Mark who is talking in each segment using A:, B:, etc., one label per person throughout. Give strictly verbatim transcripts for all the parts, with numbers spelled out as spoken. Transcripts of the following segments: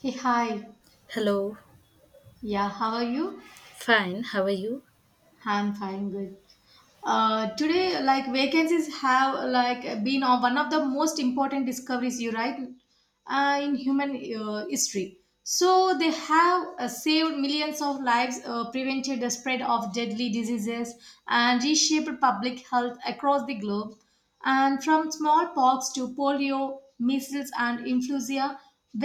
A: Hey, hi.
B: Hello,
A: Yeah, how are you?
B: fine. How are you?
A: I'm fine, good. Uh, today like vacancies have like been on one of the most important discoveries you right, uh, in human uh, history. So they have uh, saved millions of lives, uh, prevented the spread of deadly diseases, and reshaped public health across the globe. And from smallpox to polio measles and influenza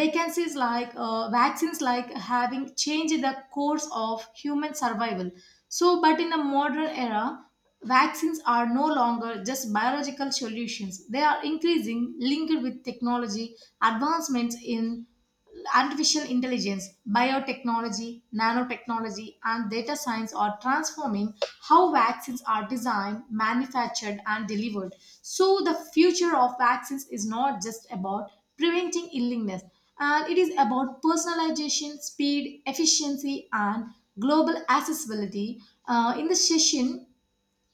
A: vacancies like uh, vaccines like having changed the course of human survival. So but in the modern era vaccines are no longer just biological solutions. They are increasing linked with technology, advancements in artificial intelligence, biotechnology, nanotechnology, and data science are transforming how vaccines are designed, manufactured, and delivered. So, the future of vaccines is not just about preventing illness, and it is about personalization, speed, efficiency, and global accessibility. Uh, in this session,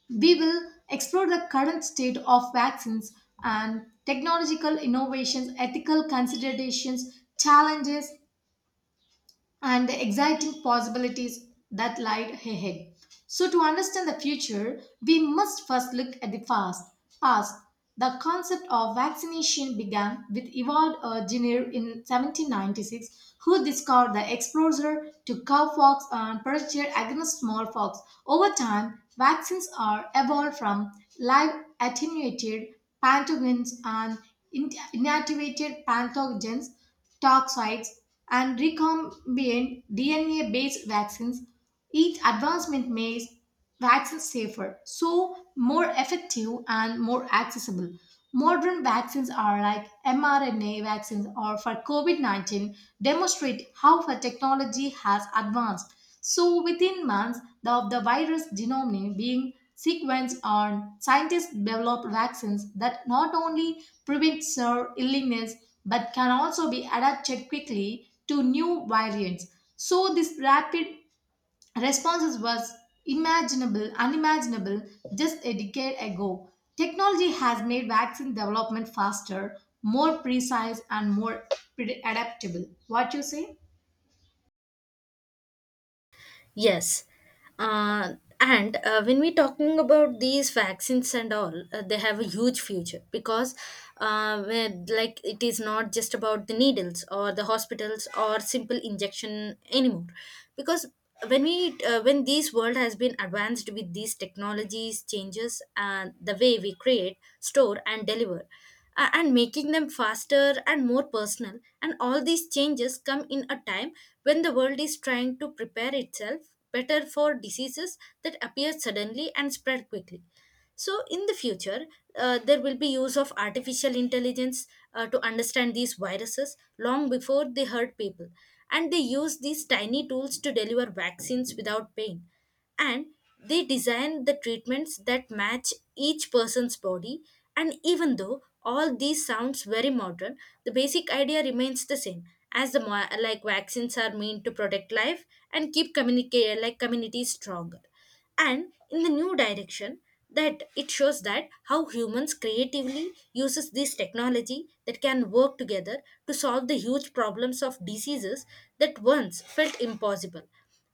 A: we will explore the current state of vaccines and technological innovations, ethical considerations, challenges, and the exciting possibilities that lie ahead. So, to understand the future, we must first look at the past. Past. The concept of vaccination began with Evald Jenner in seventeen ninety-six, who discovered the exposure to cowpox and parasite against smallpox. Over time, vaccines are evolved from live attenuated pathogens and in- inactivated pathogens toxics, and recombinant D N A based vaccines, each advancement makes vaccines safer, so more effective and more accessible. Modern vaccines are like mRNA vaccines or for COVID nineteen demonstrate how the technology has advanced so within months of the virus genome being sequenced on, scientists developed vaccines that not only prevent severe illness but can also be adapted quickly to new variants. So this rapid responses was imaginable, unimaginable just a decade ago. Technology has made vaccine development faster, more precise, and more pre- adaptable. What you say?
B: Yes. Uh, and uh, when we're talking about these vaccines and all, uh, they have a huge future because, uh, where- like, it is not just about the needles or the hospitals or simple injection anymore. Because when we, uh, when this world has been advanced with these technologies, changes, and the way we create, store, and deliver. uh, and making them faster and more personal. And all these changes come in a time when the world is trying to prepare itself better for diseases that appear suddenly and spread quickly. So, in the future, uh, there will be use of artificial intelligence uh, to understand these viruses long before they hurt people. And they use these tiny tools to deliver vaccines without pain. And they design the treatments that match each person's body. And even though all these sounds very modern, the basic idea remains the same. As the mo- like vaccines are meant to protect life and keep communicate like communities stronger, and in the new direction that it shows that how humans creatively uses this technology that can work together to solve the huge problems of diseases that once felt impossible,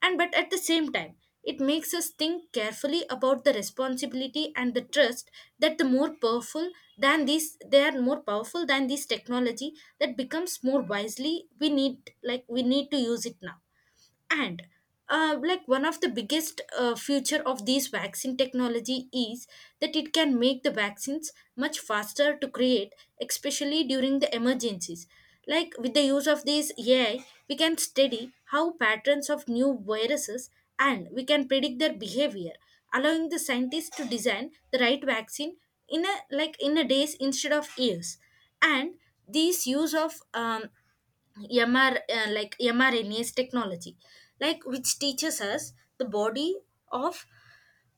B: and but at the same time it makes us think carefully about the responsibility and the trust, that the more powerful than these, they are more powerful than this technology, that becomes more wisely, we need like we need to use it now. And uh, like one of the biggest uh, future of these vaccine technology is that it can make the vaccines much faster to create, especially during the emergencies, like with the use of these AI we can study how patterns of new viruses, and we can predict their behavior, allowing the scientists to design the right vaccine in a like in a days instead of years. And this use of um, mr uh, like mrna's technology, like which teaches us the body of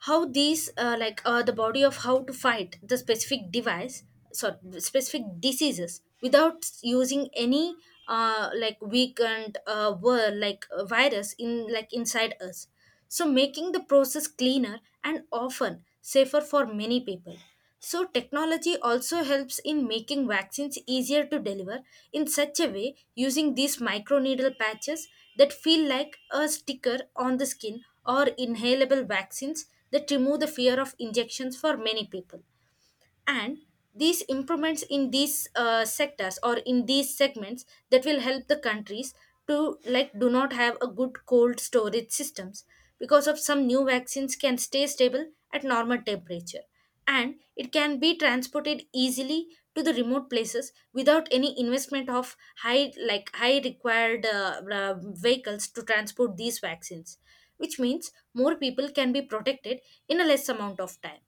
B: how these uh, like uh, the body of how to fight the specific device sorry specific diseases without using any uh, like weakened uh, word like uh, virus in like inside us, so making the process cleaner and often safer for many people. So, technology also helps in making vaccines easier to deliver, in such a way using these microneedle patches that feel like a sticker on the skin, or inhalable vaccines that remove the fear of injections for many people. And these improvements in these uh, sectors or in these segments, that will help the countries to like do not have a good cold storage systems, because of some new vaccines can stay stable at normal temperature and it can be transported easily to the remote places without any investment of high like high required uh, uh, vehicles to transport these vaccines, which means more people can be protected in a less amount of time.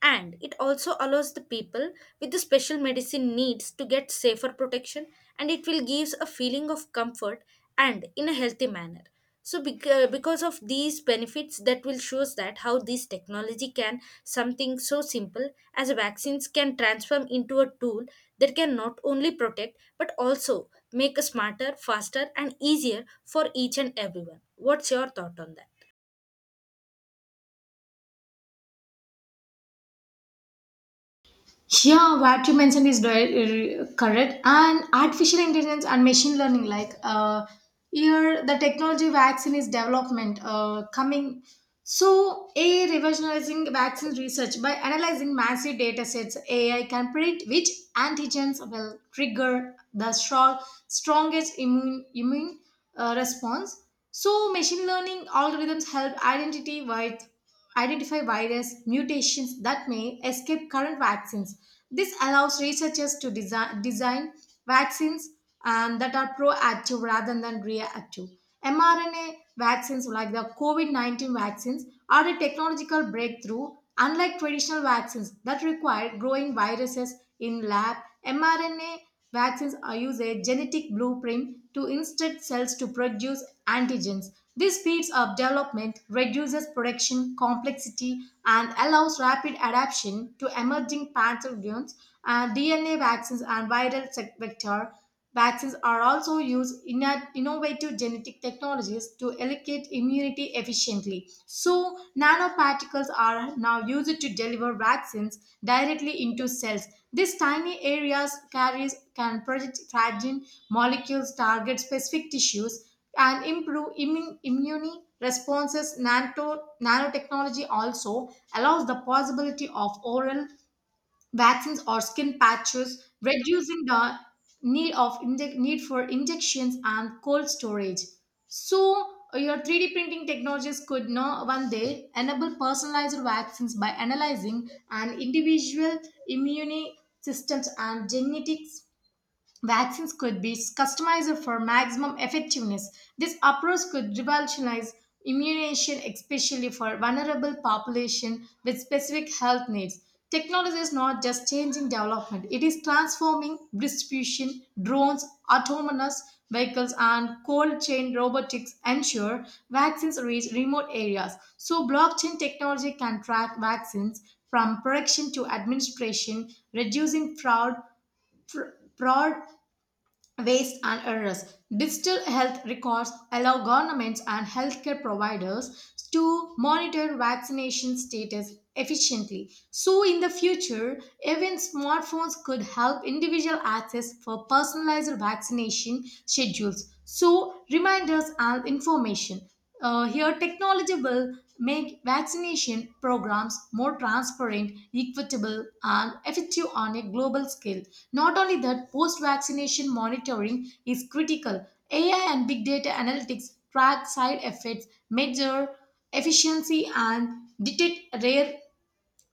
B: And it also allows the people with the special medicine needs to get safer protection, and it will gives a feeling of comfort and in a healthy manner. So bec- uh, because of these benefits, that will shows that how this technology can something so simple as vaccines can transform into a tool that can not only protect but also make a smarter, faster, and easier for each and everyone. What's your thought on that?
A: Yeah, what you mentioned is di- r- correct. And artificial intelligence and machine learning, like uh, here the technology vaccine is development uh, coming. So, A I revolutionizing vaccine research by analyzing massive data sets, A I can predict which antigens will trigger the strong, strongest immune immune uh, response. So, machine learning algorithms help identity wide identify virus mutations that may escape current vaccines. This allows researchers to design, design vaccines and that are proactive rather than reactive. mRNA vaccines like the COVID nineteen vaccines are a technological breakthrough. Unlike traditional vaccines that require growing viruses in lab, mRNA vaccines are use a genetic blueprint to instruct cells to produce antigens. This speeds up development, reduces production complexity, and allows rapid adaptation to emerging pathogens. And D N A vaccines and viral sec- vector vaccines are also used in a- innovative genetic technologies to elicit immunity efficiently. So, nanoparticles are now used to deliver vaccines directly into cells. These tiny areas carries can project fragile molecules, target specific tissues, and improve immune immune responses. Nanto, nanotechnology also allows the possibility of oral vaccines or skin patches, reducing the need of inje- need for injections and cold storage. So your three D printing technologies could now one day enable personalized vaccines by analyzing an individual immune systems and genetics vaccines could be customized for maximum effectiveness. This approach could revolutionize immunization, especially for vulnerable population with specific health needs. Technology is not just changing development, it is transforming distribution. Drones, autonomous vehicles, and cold chain robotics ensure vaccines reach remote areas. So, blockchain technology can track vaccines from production to administration, reducing fraud fr- fraud waste and errors. Digital health records allow governments and healthcare providers to monitor vaccination status efficiently. So, in the future, even smartphones could help individual access for personalized vaccination schedules. So, reminders and information. Uh, here, technology will make vaccination programs more transparent, equitable, and effective on a global scale. Not only that, post vaccination monitoring is critical. A I and big data analytics track side effects, measure efficiency, and detect rare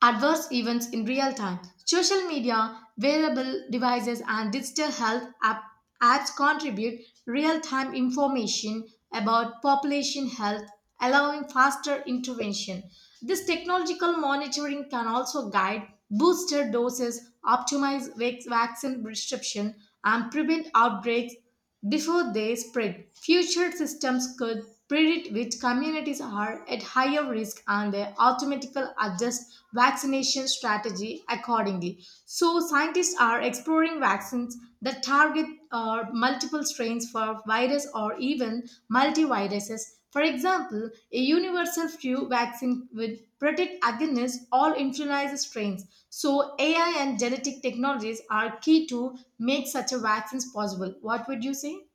A: adverse events in real time. Social media, wearable devices, and digital health app, apps contribute real time information about population health, allowing faster intervention. This technological monitoring can also guide booster doses, optimize vac- vaccine prescription, and prevent outbreaks before they spread. Future systems could predict which communities are at higher risk and they automatically adjust vaccination strategy accordingly. So, scientists are exploring vaccines that target uh, multiple strains for virus or even multiviruses for example, a universal flu vaccine would protect against all influenza strains. So, A I and genetic technologies are key to make such a vaccines possible. What would you say?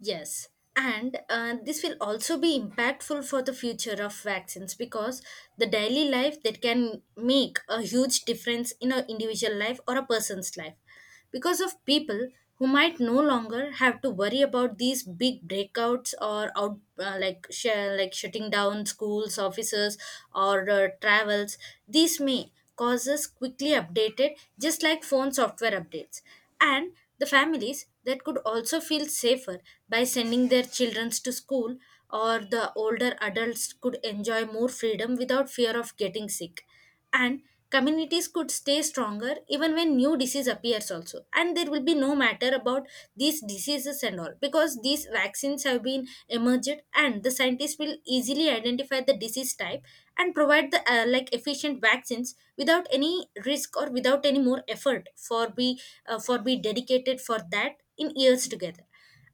B: Yes, and uh, this will also be impactful for the future of vaccines, because the daily life that can make a huge difference in an individual life or a person's life. Because of people who might no longer have to worry about these big breakouts or out uh, like sh- like shutting down schools, offices, or uh, travels. These may causes quickly updated just like phone software updates, and the families that could also feel safer by sending their children to school, or the older adults could enjoy more freedom without fear of getting sick, and communities could stay stronger even when new disease appears also. And there will be no matter about these diseases and all, because these vaccines have been emerged and the scientists scientists will easily identify the disease type and provide the uh, like efficient vaccines without any risk or without any more effort for be uh, for be dedicated for that in years together.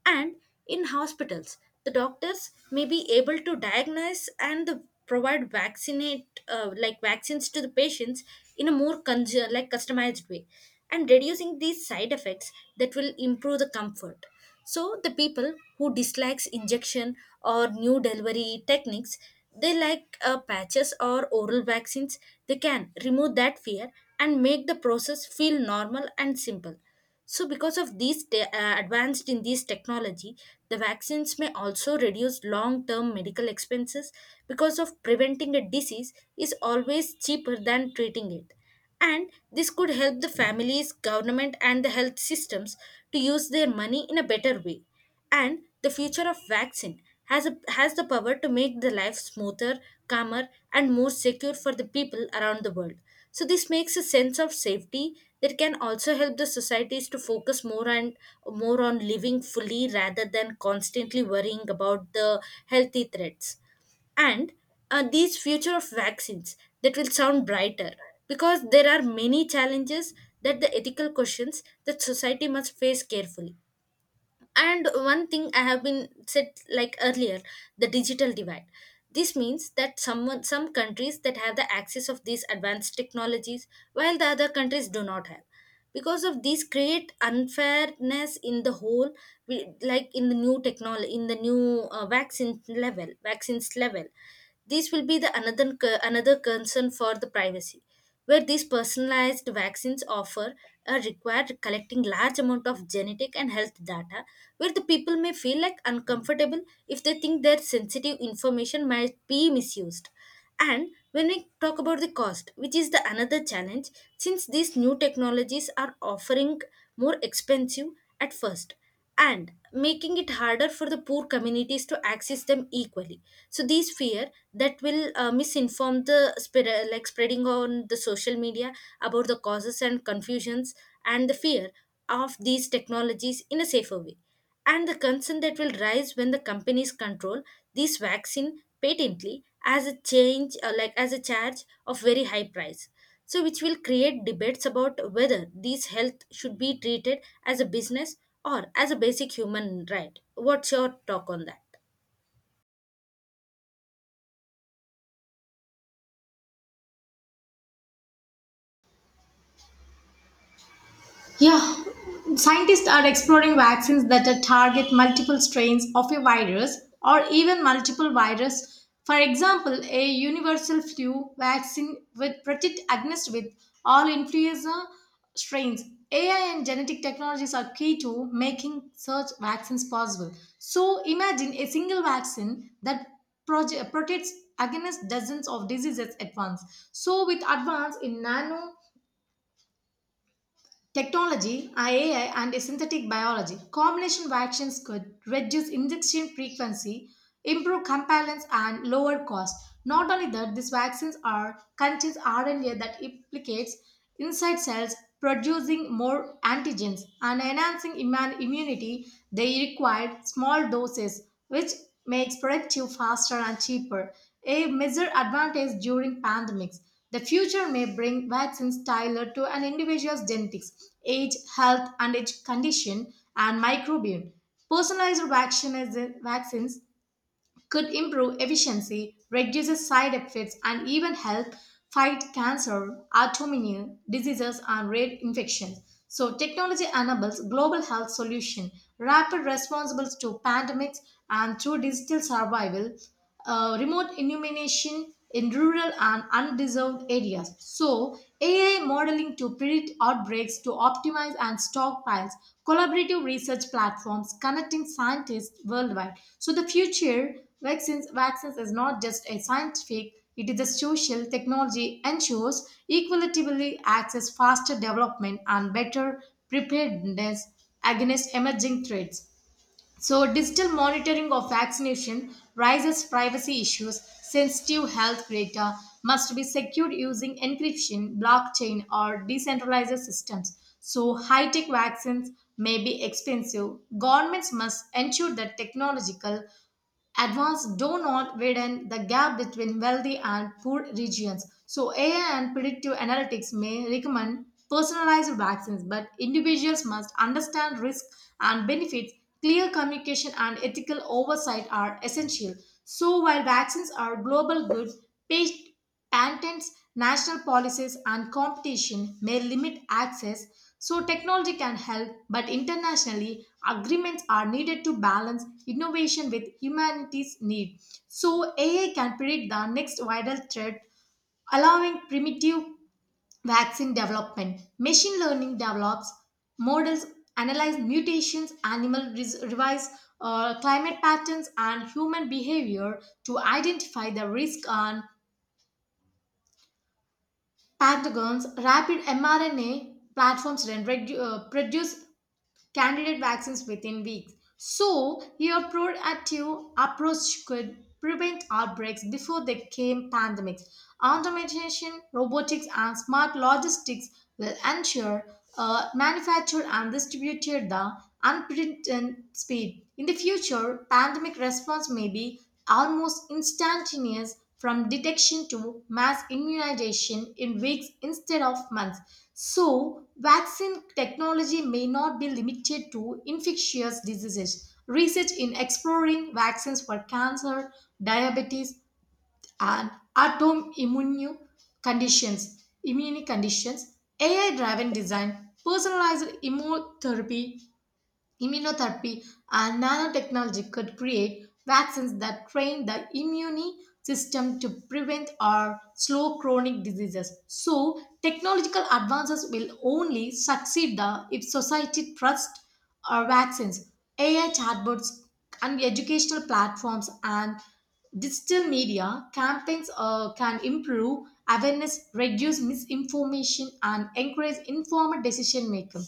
B: And in hospitals the doctors may be able to diagnose and the, provide vaccinate uh, like vaccines to the patients in a more conju- like customized way, and reducing these side effects, that will improve the comfort. So the people who dislikes injection or new delivery techniques, they like uh, patches or oral vaccines. They can remove that fear and make the process feel normal and simple. So because of these te- uh, advanced in this technology, the vaccines may also reduce long-term medical expenses, because of preventing a disease is always cheaper than treating it, and this could help the families, government, and the health systems to use their money in a better way. And the future of vaccine has, a, has the power to make the life smoother, calmer, and more secure for the people around the world. So, this makes a sense of safety that can also help the societies to focus more and more on living fully rather than constantly worrying about the healthy threats. And uh, these future of vaccines that will sound brighter, because there are many challenges, that the ethical questions that society must face carefully. And one thing I have been said like earlier, the digital divide, this means that someone some countries that have the access of these advanced technologies while the other countries do not have, because of these create unfairness in the whole, we- like in the new technology in the new uh, vaccine level vaccines level. This will be the another another concern for the privacy, where these personalized vaccines offer a required collecting large amount of genetic and health data, where the people may feel like uncomfortable if they think their sensitive information might be misused. And when we talk about the cost, which is the another challenge, since these new technologies are offering more expensive at first and making it harder for the poor communities to access them equally. So these fear that will uh, misinform the spread, uh, like spreading on the social media about the causes and confusions and the fear of these technologies in a safer way, and the concern that will rise when the companies control this vaccine patently as a change uh, like as a charge of very high price, so which will create debates about whether these health should be treated as a business or as a basic human right. What's your talk on that?
A: Yeah, scientists are exploring vaccines that uh, target multiple strains of a virus or even multiple virus. For example, a universal flu vaccine would protect against with all influenza strains. A I and genetic technologies are key to making such vaccines possible. So imagine a single vaccine that proje- protects against dozens of diseases at once. So with advance in nano technology, A I, and synthetic biology combination vaccines could reduce injection frequency, improve compliance, and lower cost. Not only that, these vaccines are contains R N A that implicates inside cells, producing more antigens and enhancing immune immunity. They require small doses, which makes productive faster and cheaper. A major advantage during pandemics. The future may bring vaccines tailored to an individual's genetics, age, health, and age condition, and microbiome. Personalized vaccines, vaccines could improve efficiency, reduce side effects, and even help fight cancer, autoimmune diseases, and rare infections. So, technology enables global health solution, rapid responses to pandemics, and through digital survival uh, remote illumination in rural and undeserved areas. So, A I modeling to predict outbreaks to optimize and stockpiles, collaborative research platforms connecting scientists worldwide. So, the future vaccines, vaccines is not just a scientific, it is a social technology ensures equitably access, faster development, and better preparedness against emerging threats. So, digital monitoring of vaccination raises privacy issues. Sensitive health data must be secured using encryption, blockchain, or decentralized systems. So, high tech vaccines may be expensive. Governments must ensure that technological advanced do not widen the gap between wealthy and poor regions. So, A I and predictive analytics may recommend personalized vaccines, but individuals must understand risk and benefits. Clear communication and ethical oversight are essential. So, while vaccines are global goods, pa- patents, national policies, and competition may limit access, so technology can help, but internationally, agreements are needed to balance innovation with humanity's need. So, A I can predict the next vital threat, allowing primitive vaccine development. Machine learning develops models, analyze mutations, animal res- revise uh, climate patterns, and human behavior to identify the risk and Pentagon's rapid mRNA platforms then redu- uh, produce candidate vaccines within weeks. So, your proactive approach could prevent outbreaks before they became pandemics. Automation, robotics, and smart logistics will ensure uh, manufacture and distributed the unprecedented speed. In the future, pandemic response may be almost instantaneous from detection to mass immunization in weeks instead of months. So, vaccine technology may not be limited to infectious diseases. Research in exploring vaccines for cancer, diabetes, and autoimmune conditions, immune conditions, A I-driven design, personalized immunotherapy Immunotherapy and nanotechnology could create vaccines that train the immune system to prevent or slow chronic diseases. So, technological advances will only succeed the, if society trusts our vaccines. A I chatbots and educational platforms and digital media campaigns uh, can improve awareness, reduce misinformation, and encourage informed decision making.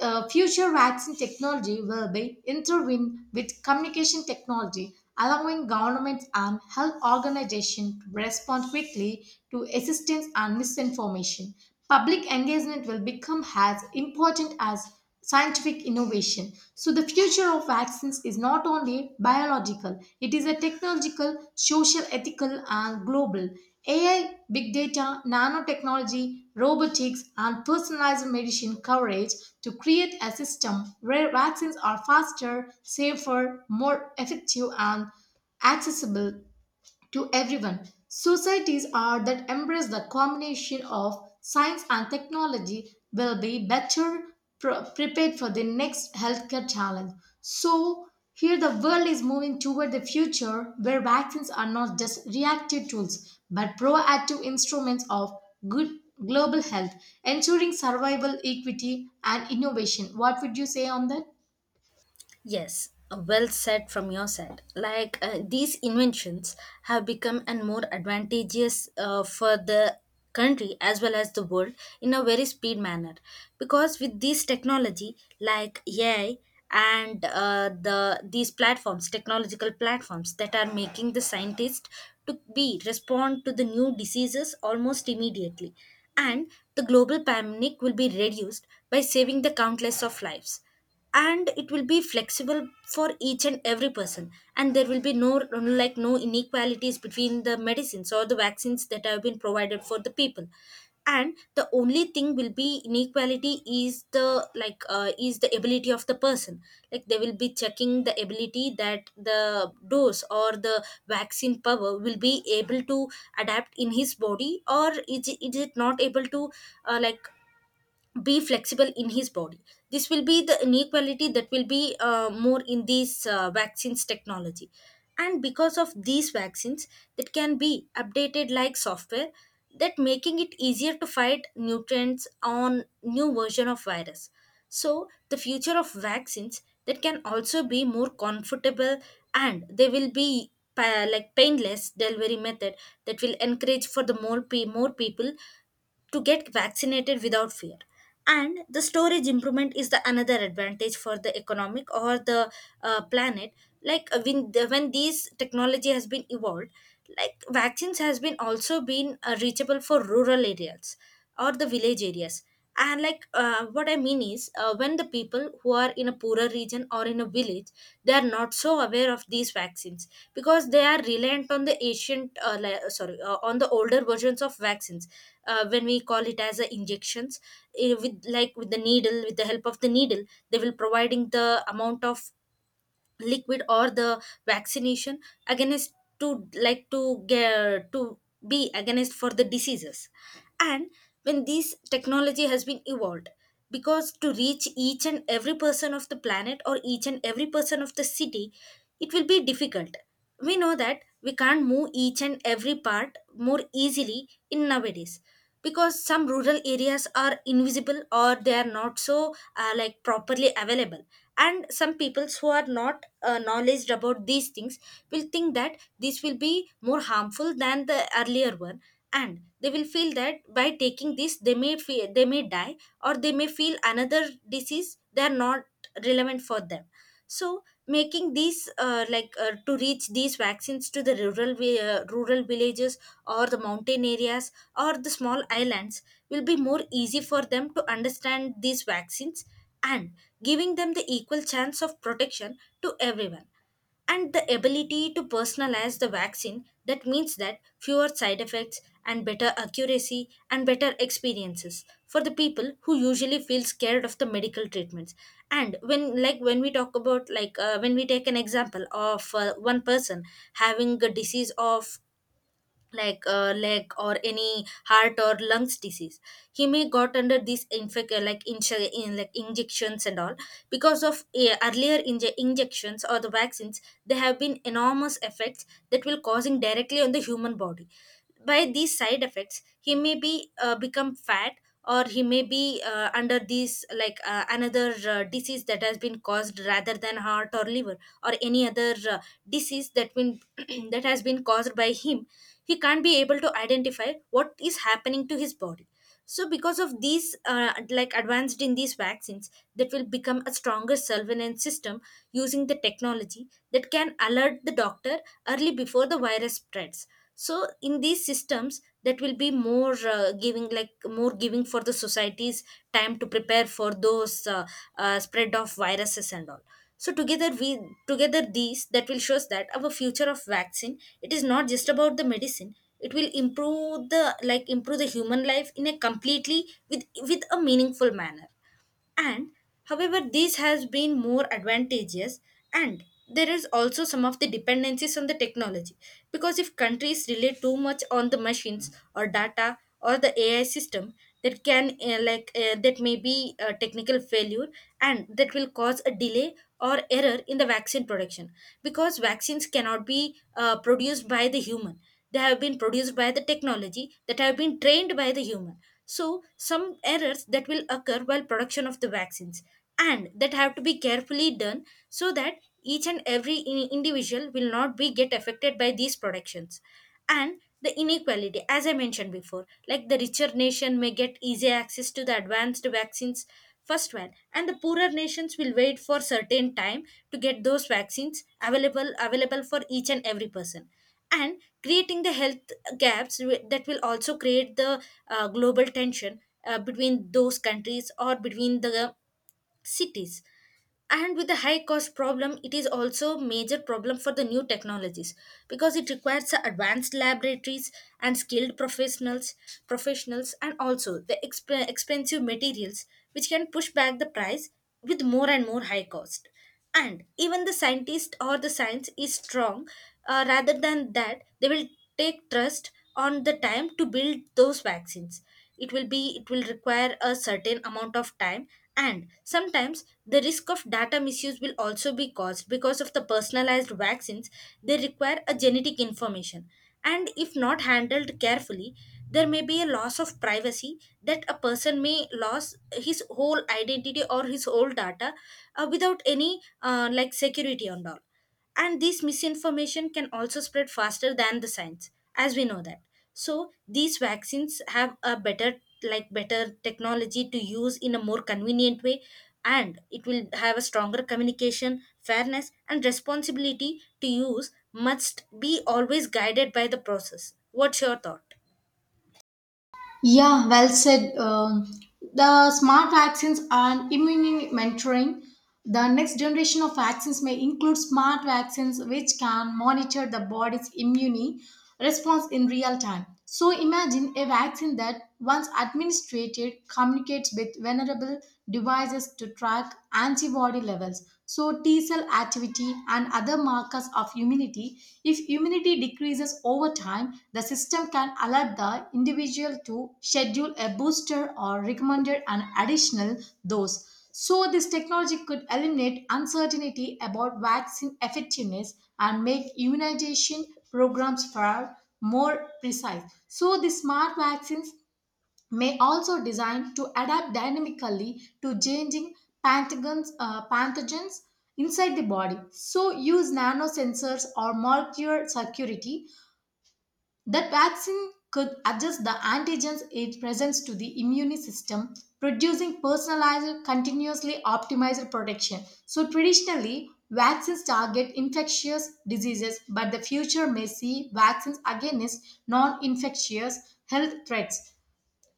A: Uh, future vaccine technology will be intertwined with communication technology, allowing governments and health organizations to respond quickly to assistance and misinformation. Public engagement will become as important as scientific innovation. So, the future of vaccines is not only biological, it is a technological, social, ethical, and global. A I, big data, nanotechnology, robotics, and personalized medicine coverage to create a system where vaccines are faster, safer, more effective, and accessible to everyone. Societies are that embrace the combination of science and technology will be better pro- prepared for the next healthcare challenge. So here the world is moving toward the future where vaccines are not just reactive tools but proactive instruments of good global health, ensuring survival, equity and innovation. What would you say on that?
B: Yes, uh, well said from your side. Like uh, these inventions have become and more advantageous uh, for the country as well as the world in a very speed manner, because with this technology like A I and uh, the these platforms technological platforms that are making the scientists to be respond to the new diseases almost immediately. And the global pandemic will be reduced by saving the countless of lives, and it will be flexible for each and every person, and there will be no like no inequalities between the medicines or the vaccines that have been provided for the people. And the only thing will be inequality is the like uh, is the ability of the person, like they will be checking the ability that the dose or the vaccine power will be able to adapt in his body, or is it, is it not able to uh, like be flexible in his body. This will be the inequality that will be uh, more in these uh, vaccines technology. And because of these vaccines that can be updated like software, that making it easier to fight nutrients on new version of virus. So the future of vaccines that can also be more comfortable, and they will be pa- like painless delivery method that will encourage for the more pe- more people to get vaccinated without fear. And the storage improvement is the another advantage for the economic or the uh, planet. Like uh, when, the, when these technology has been evolved, like vaccines has been also been uh, reachable for rural areas or the village areas. And like uh, what I mean is, uh, when the people who are in a poorer region or in a village, they are not so aware of these vaccines, because they are reliant on the ancient uh, li- sorry uh, on the older versions of vaccines, uh, when we call it as uh, injections, eh, with like with the needle, with the help of the needle, they will providing the amount of liquid or the vaccination against to like to get to be against for the diseases. And when this technology has been evolved, because to reach each and every person of the planet or each and every person of the city, it Will be difficult. We know that we can't move each and every part more easily in nowadays, because some rural areas are invisible or they are not so uh, like properly available, and some peoples who are not uh, knowledgeable about these things will think that this will be more harmful than the earlier one, and they will feel that by taking this they may feel, they may die, or they may feel another disease they are not relevant for them. So making these uh, like uh, to reach these vaccines to the rural vi- uh, rural villages or the mountain areas or the small islands will be more easy for them to understand these vaccines, and giving them the equal chance of protection to everyone, and the ability to personalize the vaccine. That means that fewer side effects and better accuracy and better experiences for the people who usually feel scared of the medical treatments. And when like when we talk about like uh, when we take an example of uh, one person having a disease of like uh, leg or any heart or lungs disease, he may got under these infect uh, like insu- in like injections and all. Because of uh, earlier inje- injections or the vaccines, there have been enormous effects that will causing directly on the human body. By these side effects he may be uh, become fat, or he may be uh, under these like uh, another uh, disease that has been caused rather than heart or liver or any other uh, disease that been that has been caused by him. He can't be able to identify what is happening to his body. So because of these uh, like advanced in these vaccines, that will become a stronger surveillance system using the technology that can alert the doctor early before the virus spreads. So in these systems, that will be more uh, giving like more giving for the society's time to prepare for those uh, uh, spread of viruses and all. So together we together these, that will shows that our future of vaccine, it is not just about the medicine, it will improve the like improve the human life in a completely with with a meaningful manner. And however this has been more advantageous, and there is also some of the dependencies on the technology, because if countries rely too much on the machines or data or the AI system, that can uh, like uh, that may be a technical failure, and that will cause a delay or error in the vaccine production. Because vaccines cannot be uh, produced by the human, they have been produced by the technology that have been trained by the human. So some errors that will occur while production of the vaccines, and that have to be carefully done, so that each and every in- individual will not be get affected by these productions. And the inequality, as I mentioned before, like the richer nation may get easy access to the advanced vaccines first one, and the poorer nations will wait for certain time to get those vaccines available available for each and every person, and creating the health gaps. Wi- that will also create the uh, global tension uh, between those countries or between the cities. And with the high cost problem, it is also major problem for the new technologies, because it requires advanced laboratories and skilled professionals professionals, and also the exp- expensive materials, which can push back the price with more and more high cost. And even the scientist or the science is strong, uh, rather than that, they will take trust on the time to build those vaccines. It will be it will require a certain amount of time. And sometimes the risk of data misuse will also be caused because of the personalized vaccines, they require a genetic information, and if not handled carefully, there may be a loss of privacy, that a person may lose his whole identity or his whole data uh, without any uh, like security and all. And this misinformation can also spread faster than the science, as we know that. So these vaccines have a better like better technology to use in a more convenient way, and it will have a stronger communication. Fairness and responsibility to use must be always guided by the process. What's your thought?
A: Yeah, well said. Um, the smart vaccines and immune mentoring. The next generation of vaccines may include smart vaccines which can monitor the body's immune response in real time. So imagine a vaccine that, once administered, communicates with vulnerable devices to track antibody levels. So T cell activity activity, and other markers of immunity. If immunity decreases over time, the system can alert the individual to schedule a booster or recommend an additional dose. So, this technology could eliminate uncertainty about vaccine effectiveness and make immunization programs far more precise. So, the smart vaccines may also designed to adapt dynamically to changing pathogens, uh, pathogens inside the body. So use nanosensors or molecular security that vaccine could adjust the antigens it presents to the immune system, producing personalized, continuously optimized protection. So traditionally, vaccines target infectious diseases, but the future may see vaccines against non-infectious health threats.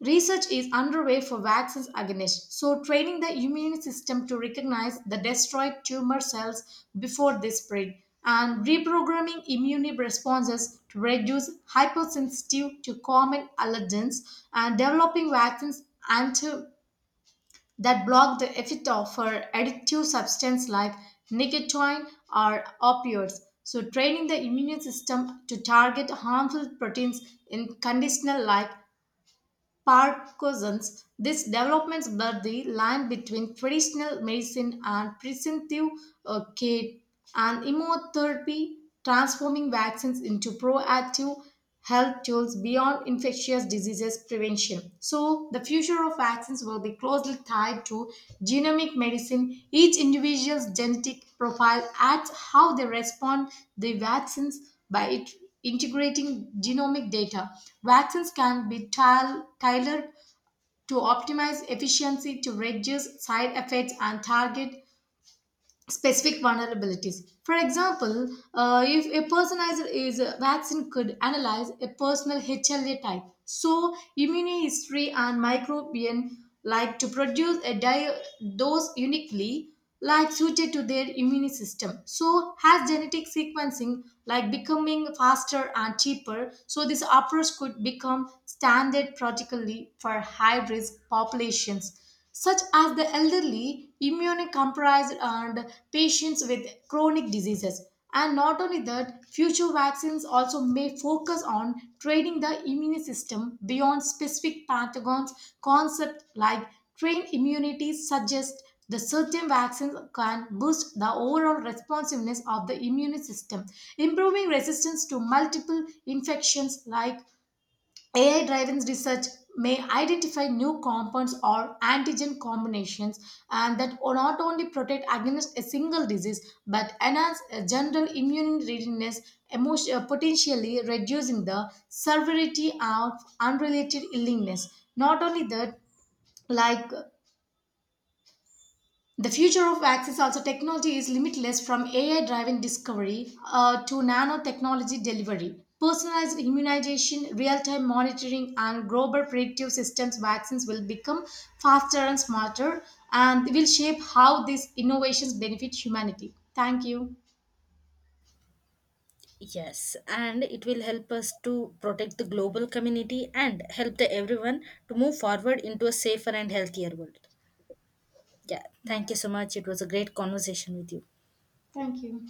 A: Research is underway for vaccines against, so training the immune system to recognize the destroyed tumor cells before they spread, and reprogramming immune responses to reduce hypersensitive to common allergens, and developing vaccines anti that block the effect of for addictive substance like nicotine or opioids. So, training the immune system to target harmful proteins in conditional like Parkinson's. These developments blur the line between traditional medicine and preventive uh, care and immunotherapy, transforming vaccines into proactive health tools beyond infectious diseases prevention. So, the future of vaccines will be closely tied to genomic medicine. Each individual's genetic profile adds how they respond the vaccines by it, integrating genomic data, vaccines can be tile- tailored to optimize efficiency, to reduce side effects, and target specific vulnerabilities. For example, uh, if a personalized is a vaccine could analyze a personal H L A type, so immunohistory and microbial like to produce a di- dose uniquely like suited to their immune system. So has genetic sequencing like becoming faster and cheaper. So this approach could become standard practically for high risk populations such as the elderly, immunocompromised, and patients with chronic diseases. And not only that, future vaccines also may focus on training the immune system beyond specific pathogens. Concept like trained immunity suggests the certain vaccines can boost the overall responsiveness of the immune system, improving resistance to multiple infections like A I driven research may identify new compounds or antigen combinations and that will not only protect against a single disease but enhance a general immune readiness, emotion, uh, potentially reducing the severity of unrelated illness. Not only that, like the future of vaccines also technology is limitless from A I driven discovery uh, to nanotechnology delivery. Personalized immunization, real time monitoring, and global predictive systems vaccines will become faster and smarter and will shape how these innovations benefit humanity. Thank you.
B: Yes, and it will help us to protect the global community and help the everyone to move forward into a safer and healthier world. Yeah, thank you so much. It was a great conversation with you.
A: Thank you.